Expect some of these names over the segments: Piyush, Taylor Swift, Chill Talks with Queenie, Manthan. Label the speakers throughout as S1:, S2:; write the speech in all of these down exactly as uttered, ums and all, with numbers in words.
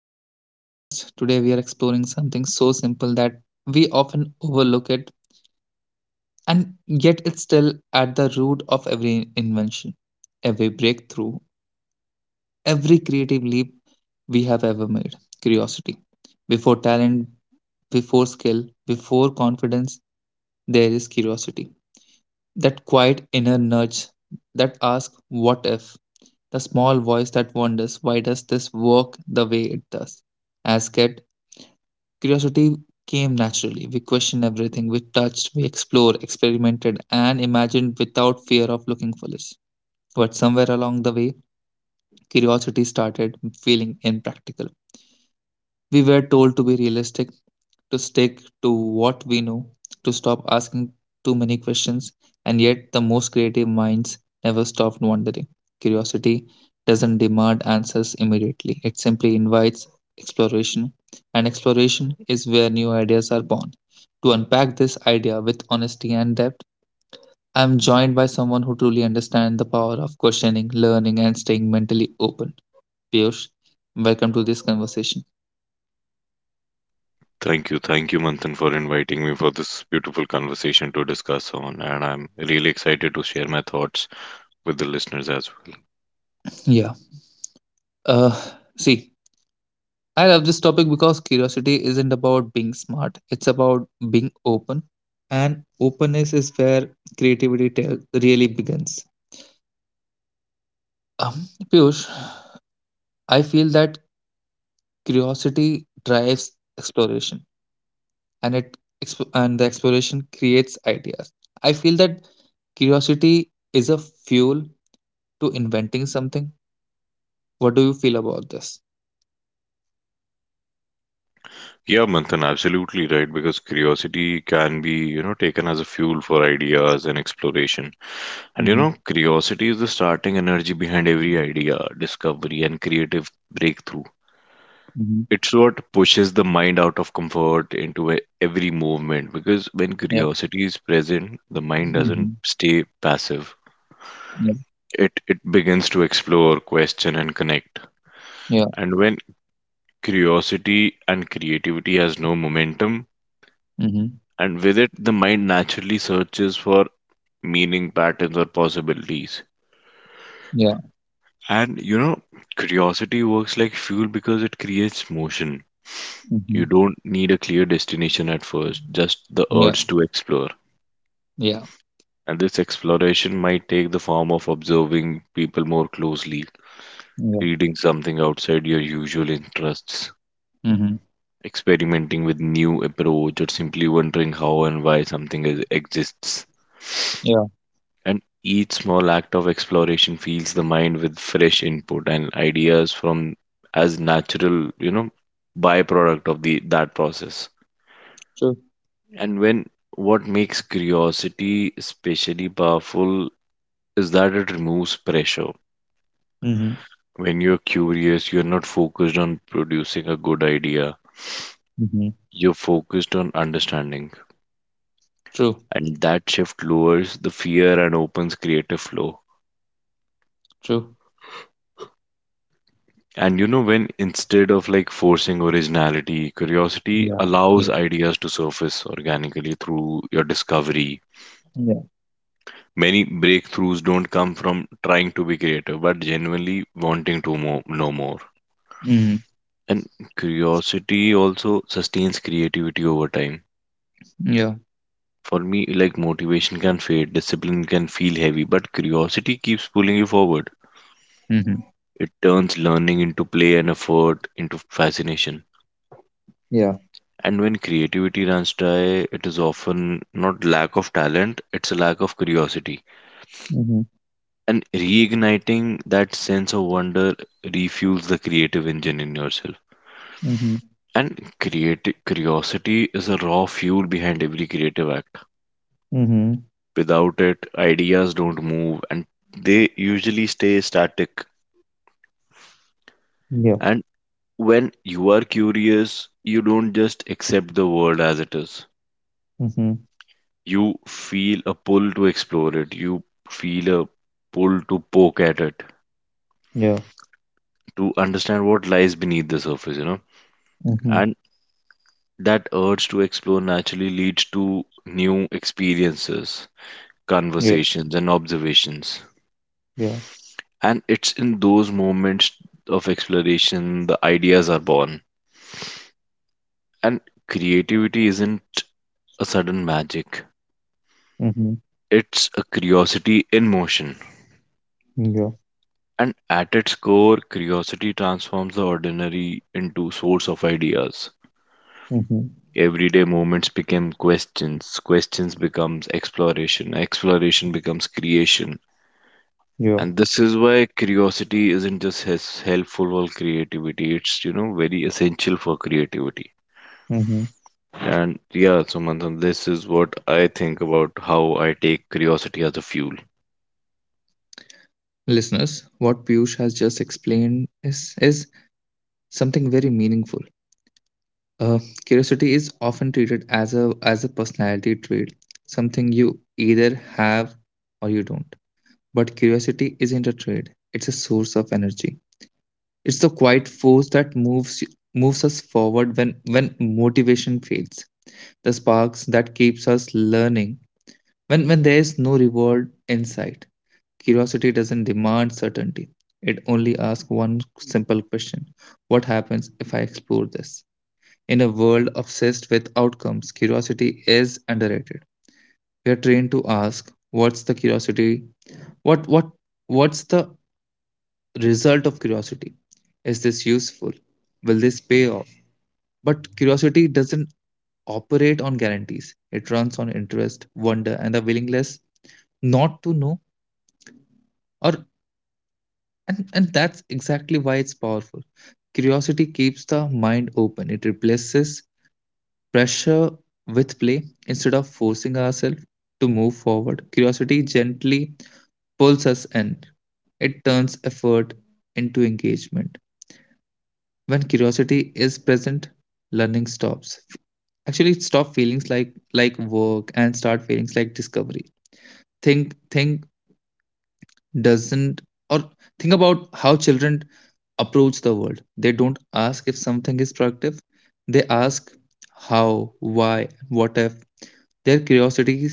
S1: back to the podcast. Today we are exploring something so simple that we often overlook it, and yet it's still at the root of every invention, every breakthrough, every creative leap we have ever made. Curiosity. Before talent, before skill, before confidence, there is curiosity. That quiet inner nudge that asks, what if? The small voice that wonders, why does this work the way it does? As kids, curiosity came naturally. We questioned everything we touched, we explored, experimented, and imagined without fear of looking foolish. But somewhere along the way, curiosity started feeling impractical. We were told to be realistic, to stick to what we know, to stop asking too many questions, and yet the most creative minds never stopped wondering. Curiosity doesn't demand answers immediately, it simply invites exploration, and exploration is where new ideas are born. To unpack this idea with honesty and depth, I am joined by someone who truly understands the power of questioning, learning, and staying mentally open. Piyush, welcome to this conversation.
S2: Thank you. Thank you, Manthan, for inviting me for this beautiful conversation to discuss on. And I'm really excited to share my thoughts with the listeners as well.
S1: Yeah. Uh, See, I love this topic because curiosity isn't about being smart, it's about being open. And openness is where creativity tell, really begins. Um, Piyush, I feel that curiosity drives exploration and it exp- and the exploration creates ideas. I feel that curiosity is a fuel to inventing something. What do you feel about this?
S2: Yeah, Manthan, absolutely right. Because curiosity can be, you know, taken as a fuel for ideas and exploration. And, you
S1: Mm-hmm.
S2: know, curiosity is the starting energy behind every idea, discovery, and creative breakthrough.
S1: Mm-hmm.
S2: It's what pushes the mind out of comfort into e- every movement, because when
S1: Yeah.
S2: curiosity is present, the mind
S1: Mm-hmm.
S2: doesn't stay passive.
S1: Yeah.
S2: It it begins to explore, question, and connect.
S1: Yeah.
S2: And when curiosity and creativity has no momentum,
S1: Mm-hmm.
S2: and with it, the mind naturally searches for meaning, patterns, or possibilities.
S1: Yeah.
S2: And you know, Curiosity works like fuel because it creates motion.
S1: Mm-hmm.
S2: You don't need a clear destination at first, just the
S1: Yeah,
S2: urge to explore.
S1: yeah,
S2: And this exploration might take the form of observing people more closely,
S1: yeah.
S2: reading something outside your usual interests,
S1: Mhm.
S2: experimenting with new approach, or simply wondering how and why something is, exists,
S1: Yeah,
S2: and each small act of exploration fills the mind with fresh input, and ideas from as natural you know byproduct of the that process.
S1: true.
S2: And when what makes curiosity especially powerful is that it removes pressure.
S1: Mhm.
S2: When you're curious, you're not focused on producing a good idea,
S1: Mhm.
S2: you're focused on understanding.
S1: True.
S2: And that shift lowers the fear and opens creative flow.
S1: True.
S2: And you know, when, instead of like forcing originality, curiosity
S1: Yeah. Yeah.
S2: allows ideas to surface organically through your discovery.
S1: Yeah.
S2: Many breakthroughs don't come from trying to be creative, but genuinely wanting to mo- know more.
S1: Mhm.
S2: And curiosity also sustains creativity over time.
S1: Yeah.
S2: For me, like motivation can fade, discipline can feel heavy, but curiosity keeps pulling you forward.
S1: Mhm.
S2: It turns learning into play and effort into fascination.
S1: Yeah.
S2: And when creativity runs dry, it is often not lack of talent, it's a lack of curiosity.
S1: Mhm.
S2: And reigniting that sense of wonder refuels the creative engine in yourself.
S1: Mhm.
S2: And creative curiosity is a raw fuel behind every creative act.
S1: Mhm.
S2: Without it, ideas don't move, and they usually stay static.
S1: Yeah.
S2: And when you are curious, you don't just accept the world as it is.
S1: Mhm.
S2: You feel a pull to explore it. You feel a pull to poke at it,
S1: Yeah.
S2: to understand what lies beneath the surface, you know.
S1: Mhm.
S2: And that urge to explore naturally leads to new experiences,
S1: Yeah.
S2: conversations, and observations.
S1: Yeah.
S2: And it's in those moments of exploration the ideas are born. And creativity isn't a sudden magic,
S1: Mhm.
S2: it's a curiosity in motion.
S1: Yeah.
S2: And at its core, curiosity transforms the ordinary into source of ideas.
S1: Mhm.
S2: Everyday moments become questions, questions becomes exploration, exploration becomes creation.
S1: Yeah.
S2: And this is why curiosity isn't just hes- helpful for creativity, it's you know very essential for creativity.
S1: Mhm.
S2: And yeah, so Manthan, this is what I think about how I take curiosity as a fuel.
S1: Listeners, what Piyush has just explained is is something very meaningful. Uh, Curiosity is often treated as a as a personality trait, something you either have or you don't. But curiosity isn't a trade, it's a source of energy. It's the quiet force that moves moves us forward when, when motivation fades. The sparks that keeps us learning when, when there is no reward in sight. Curiosity doesn't demand certainty. It only asks one simple question. What happens if I explore this? In a world obsessed with outcomes, curiosity is underrated. We are trained to ask, what's the curiosity? What what what's the result of curiosity. Is this useful? Will this pay off? But curiosity doesn't operate on guarantees. It runs on interest, wonder, and the willingness not to know. Or and, and that's exactly why it's powerful. Curiosity keeps the mind open. It replaces pressure with play. Instead of forcing ourselves to move forward, curiosity gently pulls us in. It turns effort into engagement. When curiosity is present, learning stops. Actually, it stop feelings like like work and start feelings like discovery. Think think doesn't or think about how children approach the world. They don't ask if something is productive. They ask how, why, what if. Their curiosity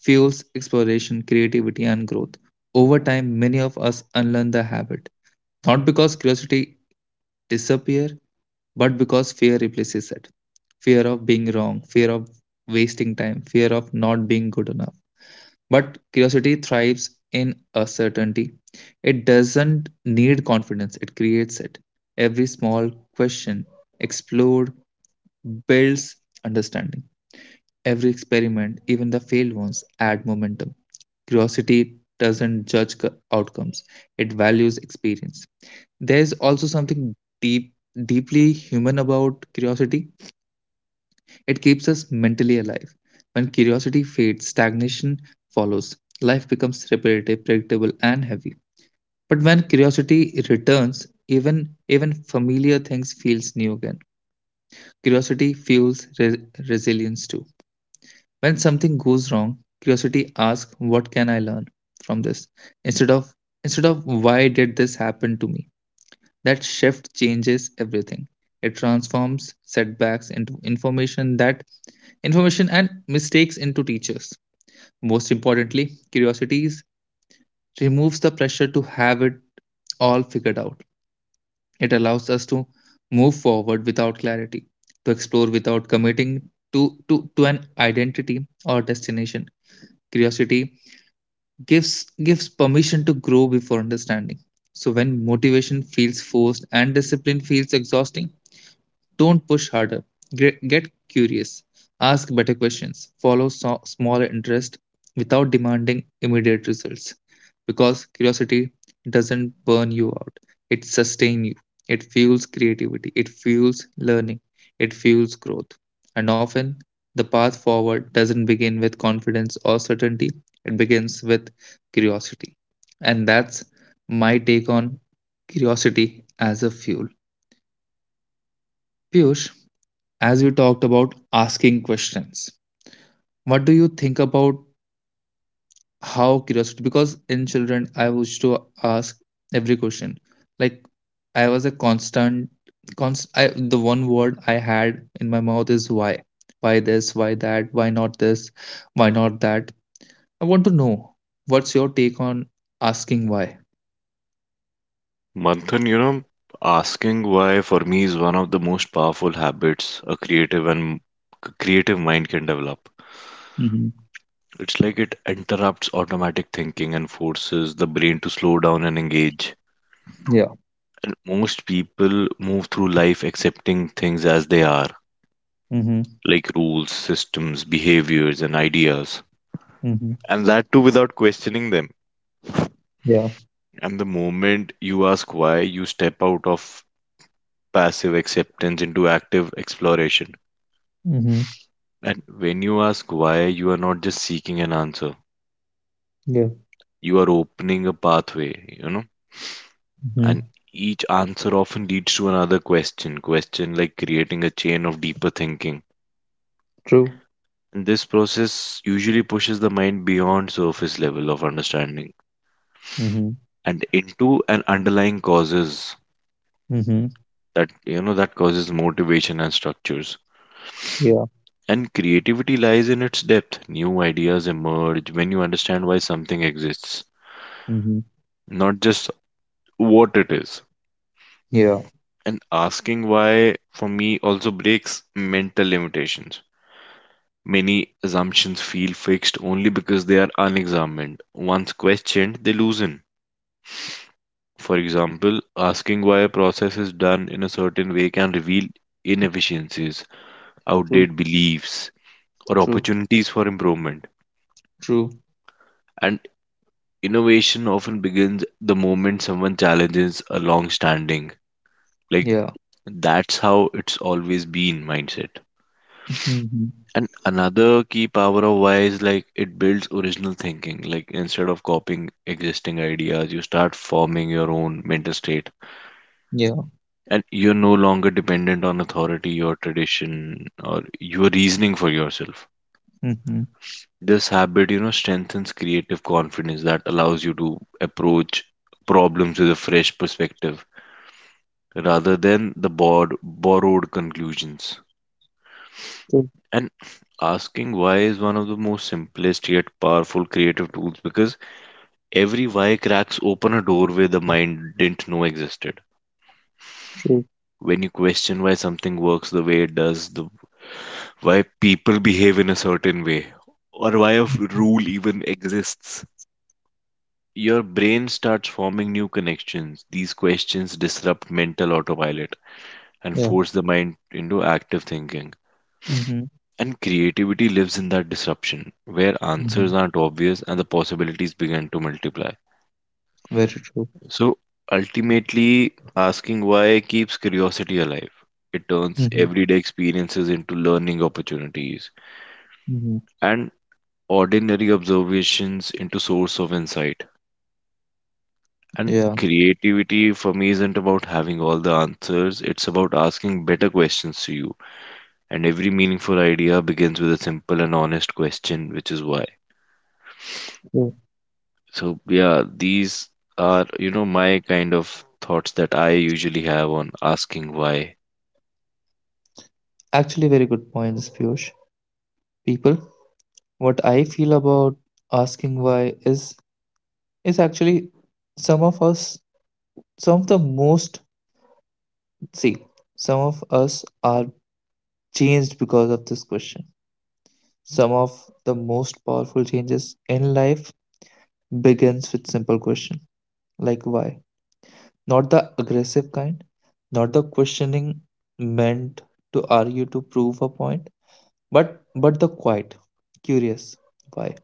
S1: fuels exploration, creativity, and growth. Over time, many of us unlearn the habit. Not because curiosity disappear, but because fear replaces it: fear of being wrong, fear of wasting time, fear of not being good enough. But curiosity thrives in uncertainty. It doesn't need confidence, it creates it. Every small question explored builds understanding. Every experiment, even the failed ones, add momentum. Curiosity doesn't judge c- outcomes, it values experience. There is also something deep deeply human about curiosity. It keeps us mentally alive. When curiosity fades, stagnation follows. Life becomes repetitive, predictable, and heavy. But when curiosity returns, even even familiar things feels new again. Curiosity fuels re- resilience too. When something goes wrong, curiosity asks, "What can I learn from this?" instead of instead of "Why did this happen to me?" That shift changes everything. It transforms setbacks into information that information and mistakes into teachers. Most importantly, curiosities removes the pressure to have it all figured out. It allows us to move forward without clarity, to explore without committing to, to, to an identity or destination. Curiosity gives gives permission to grow before understanding. So when motivation feels forced and discipline feels exhausting, don't push harder. Gre- Get curious. Ask better questions. Follow so- small interest without demanding immediate results. Because curiosity doesn't burn you out. It sustains you. It fuels creativity. It fuels learning. It fuels growth. And often, the path forward doesn't begin with confidence or certainty. It begins with curiosity. And that's my take on curiosity as a fuel. Piyush, as we talked about asking questions, what do you think about how curiosity, because in children I used to ask every question. Like, I was a constant const I, the one word I had in my mouth is why. Why this, why that, why not this, why not that. I want to know, what's your take on asking why?
S2: Manthan, you know, asking why for me is one of the most powerful habits a creative and creative mind can develop.
S1: Mm-hmm.
S2: It's like it interrupts automatic thinking and forces the brain to slow down and engage.
S1: Yeah.
S2: And most people move through life accepting things as they are,
S1: Mm-hmm.
S2: like rules, systems, behaviors, and ideas.
S1: Mm-hmm.
S2: And that too without questioning them.
S1: Yeah.
S2: And the moment you ask why, you step out of passive acceptance into active exploration.
S1: Mm-hmm.
S2: And when you ask why, you are not just seeking an answer,
S1: Yeah.
S2: you are opening a pathway, you know. And
S1: Mm-hmm.
S2: each answer often leads to another question, question like creating a chain of deeper thinking.
S1: True.
S2: And this process usually pushes the mind beyond surface level of understanding
S1: Mm-hmm.
S2: and into an underlying causes
S1: Mm-hmm.
S2: that, you know, that causes motivation and structures.
S1: Yeah.
S2: And creativity lies in its depth. New ideas emerge when you understand why something exists,
S1: Mm-hmm.
S2: not just what it is.
S1: Yeah.
S2: And asking why, for me, also breaks mental limitations. Many assumptions feel fixed only because they are unexamined. Once questioned, they loosen. For example, asking why a process is done in a certain way can reveal inefficiencies,
S1: True.
S2: outdated beliefs, or
S1: True,
S2: opportunities for improvement.
S1: true.
S2: And innovation often begins the moment someone challenges a long standing, like,
S1: Yeah.
S2: that's how it's always been mindset.
S1: Hmm.
S2: And another key power of why is like it builds original thinking. Like, instead of copying existing ideas, you start forming your own mental state.
S1: Yeah.
S2: And you're no longer dependent on authority or tradition or your reasoning for yourself.
S1: Hmm.
S2: This habit, you know, strengthens creative confidence that allows you to approach problems with a fresh perspective rather than the bored, borrowed conclusions.
S1: True,
S2: And asking why is one of the most simplest yet powerful creative tools, because every why cracks open a doorway the mind didn't know existed.
S1: true.
S2: When you question why something works the way it does, the why people behave in a certain way, or why a rule even exists, your brain starts forming new connections. These questions disrupt mental autopilot and
S1: Yeah.
S2: force the mind into active thinking.
S1: Hmm.
S2: And creativity lives in that disruption, where answers
S1: Hmm.
S2: aren't obvious and the possibilities begin to multiply.
S1: Very true.
S2: So ultimately, asking why keeps curiosity alive. It turns
S1: Hmm.
S2: everyday experiences into learning opportunities
S1: Hmm.
S2: and ordinary observations into source of insight. And
S1: Yeah.
S2: creativity for me isn't about having all the answers, it's about asking better questions to you. And every meaningful idea begins with a simple and honest question, which is why.
S1: Yeah.
S2: So, yeah, these are, you know, my kind of thoughts that I usually have on asking why.
S1: Actually, very good points, Piyush. People, what I feel about asking why is is actually some of us, some of the most see, some of us are changed because of this question. Some of the most powerful changes in life begins with simple question like why. Not the aggressive kind, not the questioning meant to argue to prove a point, but but the quiet, curious why.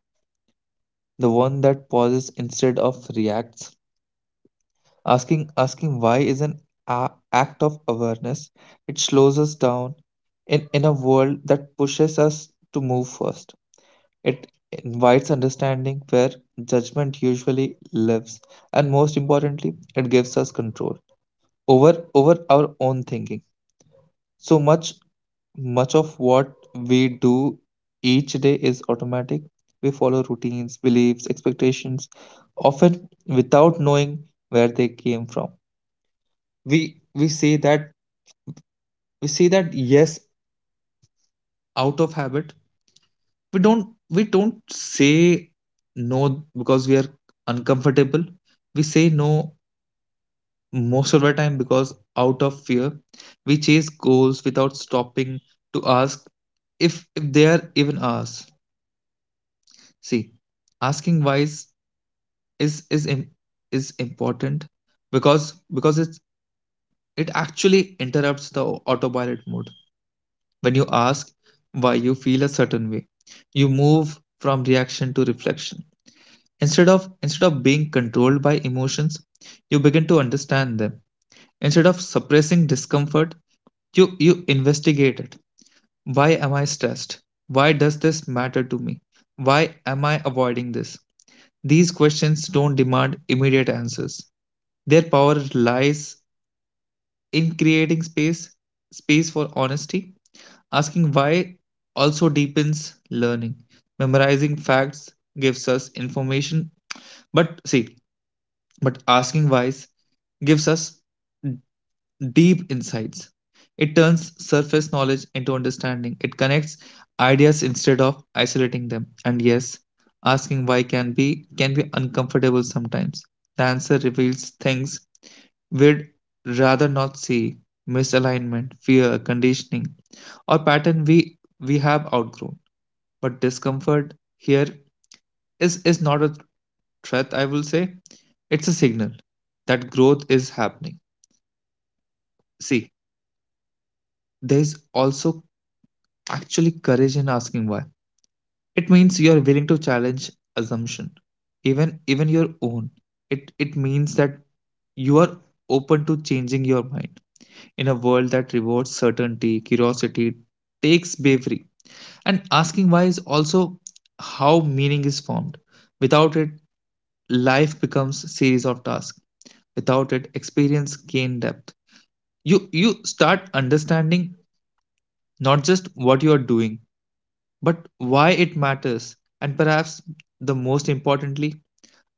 S1: The one that pauses instead of reacts. Asking asking why is an a- act of awareness. It slows us down in, in a world that pushes us to move first. It invites understanding where judgment usually lives, and most importantly, it gives us control over over our own thinking. So much much of what we do each day is automatic. We follow routines, beliefs, expectations, often without knowing where they came from. We we say that we say that yes out of habit. We don't we don't say no because we are uncomfortable. We say no most of the time because out of fear. We chase goals without stopping to ask if if they are even ours. See, asking whys is is im- is important because because it's, it actually interrupts the au- autopilot mode. When you ask why you feel a certain way, you move from reaction to reflection. Instead of instead of being controlled by emotions, you begin to understand them. Instead of suppressing discomfort, you you investigate it. Why am I stressed? Why does this matter to me? Why am I avoiding this? These questions don't demand immediate answers. Their power lies in creating space, space for honesty. Asking why also deepens learning. Memorizing facts gives us information, but see, but asking whys gives us deep insights. It turns surface knowledge into understanding. It connects ideas instead of isolating them. And yes, asking why can be can be uncomfortable sometimes. The answer reveals things we'd rather not see, misalignment, fear, conditioning, or pattern we we have outgrown. But discomfort here is is not a threat, I will say. It's a signal that growth is happening. See, there's also actually, courage in asking why. It means you are willing to challenge assumption, even even your own. It it means that you are open to changing your mind in a world that rewards certainty, curiosity, takes bravery. And asking why is also how meaning is formed. Without it, life becomes series of tasks. Without it, experience gain depth. You you start understanding not just what you are doing, but why it matters, and perhaps the most importantly,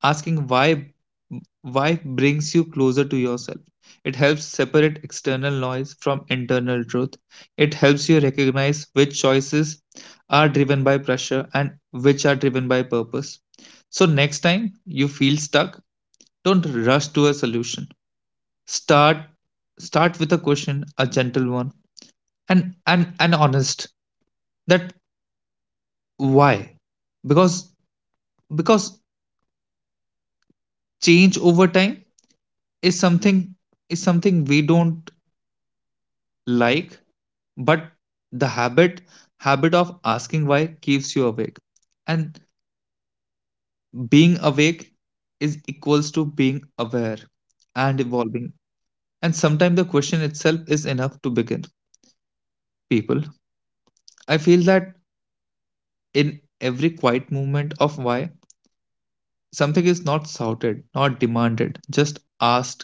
S1: asking why why brings you closer to yourself. It helps separate external noise from internal truth. It helps you recognize which choices are driven by pressure and which are driven by purpose. So next time you feel stuck, don't rush to a solution. Start start with a question, a gentle one, and and and honest, that why. Because because change over time is something is something we don't like. But the habit habit of asking why keeps you awake. And being awake is equals to being aware and evolving. And sometimes the question itself is enough to begin. People, I feel that in every quiet movement of why, something is not shouted, not demanded, just asked.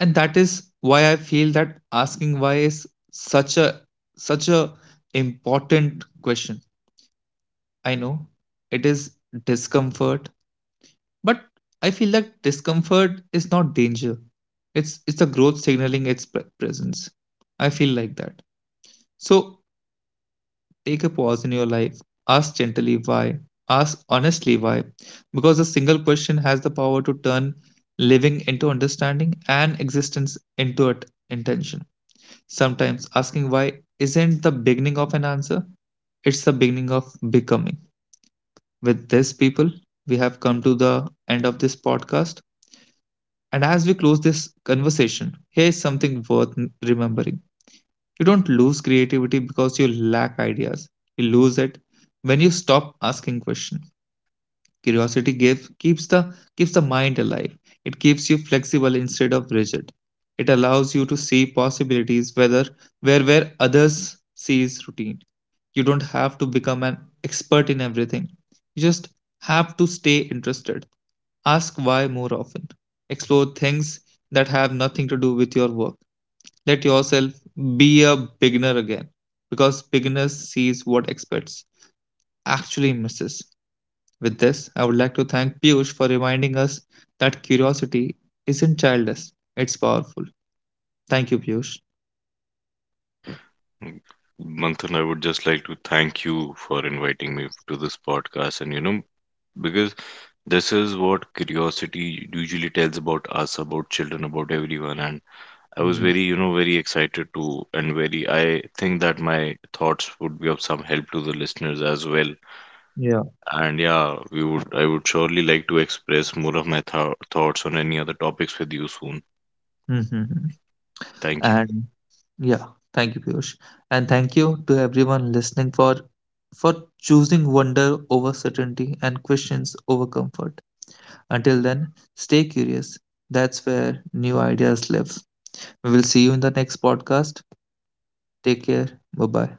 S1: And that is why I feel that asking why is such a such a important question. I know it is discomfort, but I feel that discomfort is not danger. It's it's a growth signaling its pre- presence, I feel like that. So take a pause in your life. Ask gently why. Ask honestly why. Because a single question has the power to turn living into understanding, and existence into at- intention. Sometimes asking why isn't the beginning of an answer, it's the beginning of becoming. With this, people, we have come to the end of this podcast. And as we close this conversation, here is something worth n- remembering. You don't lose creativity because you lack ideas, you lose it when you stop asking questions. Curiosity give, keeps the keeps the mind alive. It keeps you flexible instead of rigid. It allows you to see possibilities whether where where others sees routine. You don't have to become an expert in everything. You just have to stay interested. Ask why more often. Explore things that have nothing to do with your work. Let yourself be a beginner again, because beginners sees what experts actually misses. With this, I would like to thank Piyush for reminding us that curiosity isn't childish, it's powerful. Thank you, Piyush.
S2: Mm, Manthan, I would just like to thank you for inviting me to this podcast. And you know, because this is what curiosity usually tells about us, about children, about everyone. And I was
S1: Mhm.
S2: very, you know, very excited to, and very, I think that my thoughts would be of some help to the listeners as well.
S1: Yeah.
S2: And yeah, we would, I would surely like to express more of my th- thoughts on any other topics with you soon.
S1: Mhm.
S2: Thank you.
S1: And yeah, thank you, Piyush. And thank you to everyone listening for for choosing wonder over certainty and questions over comfort. Until then, stay curious. That's where new ideas live. We will see you in the next podcast. Take care. Bye bye.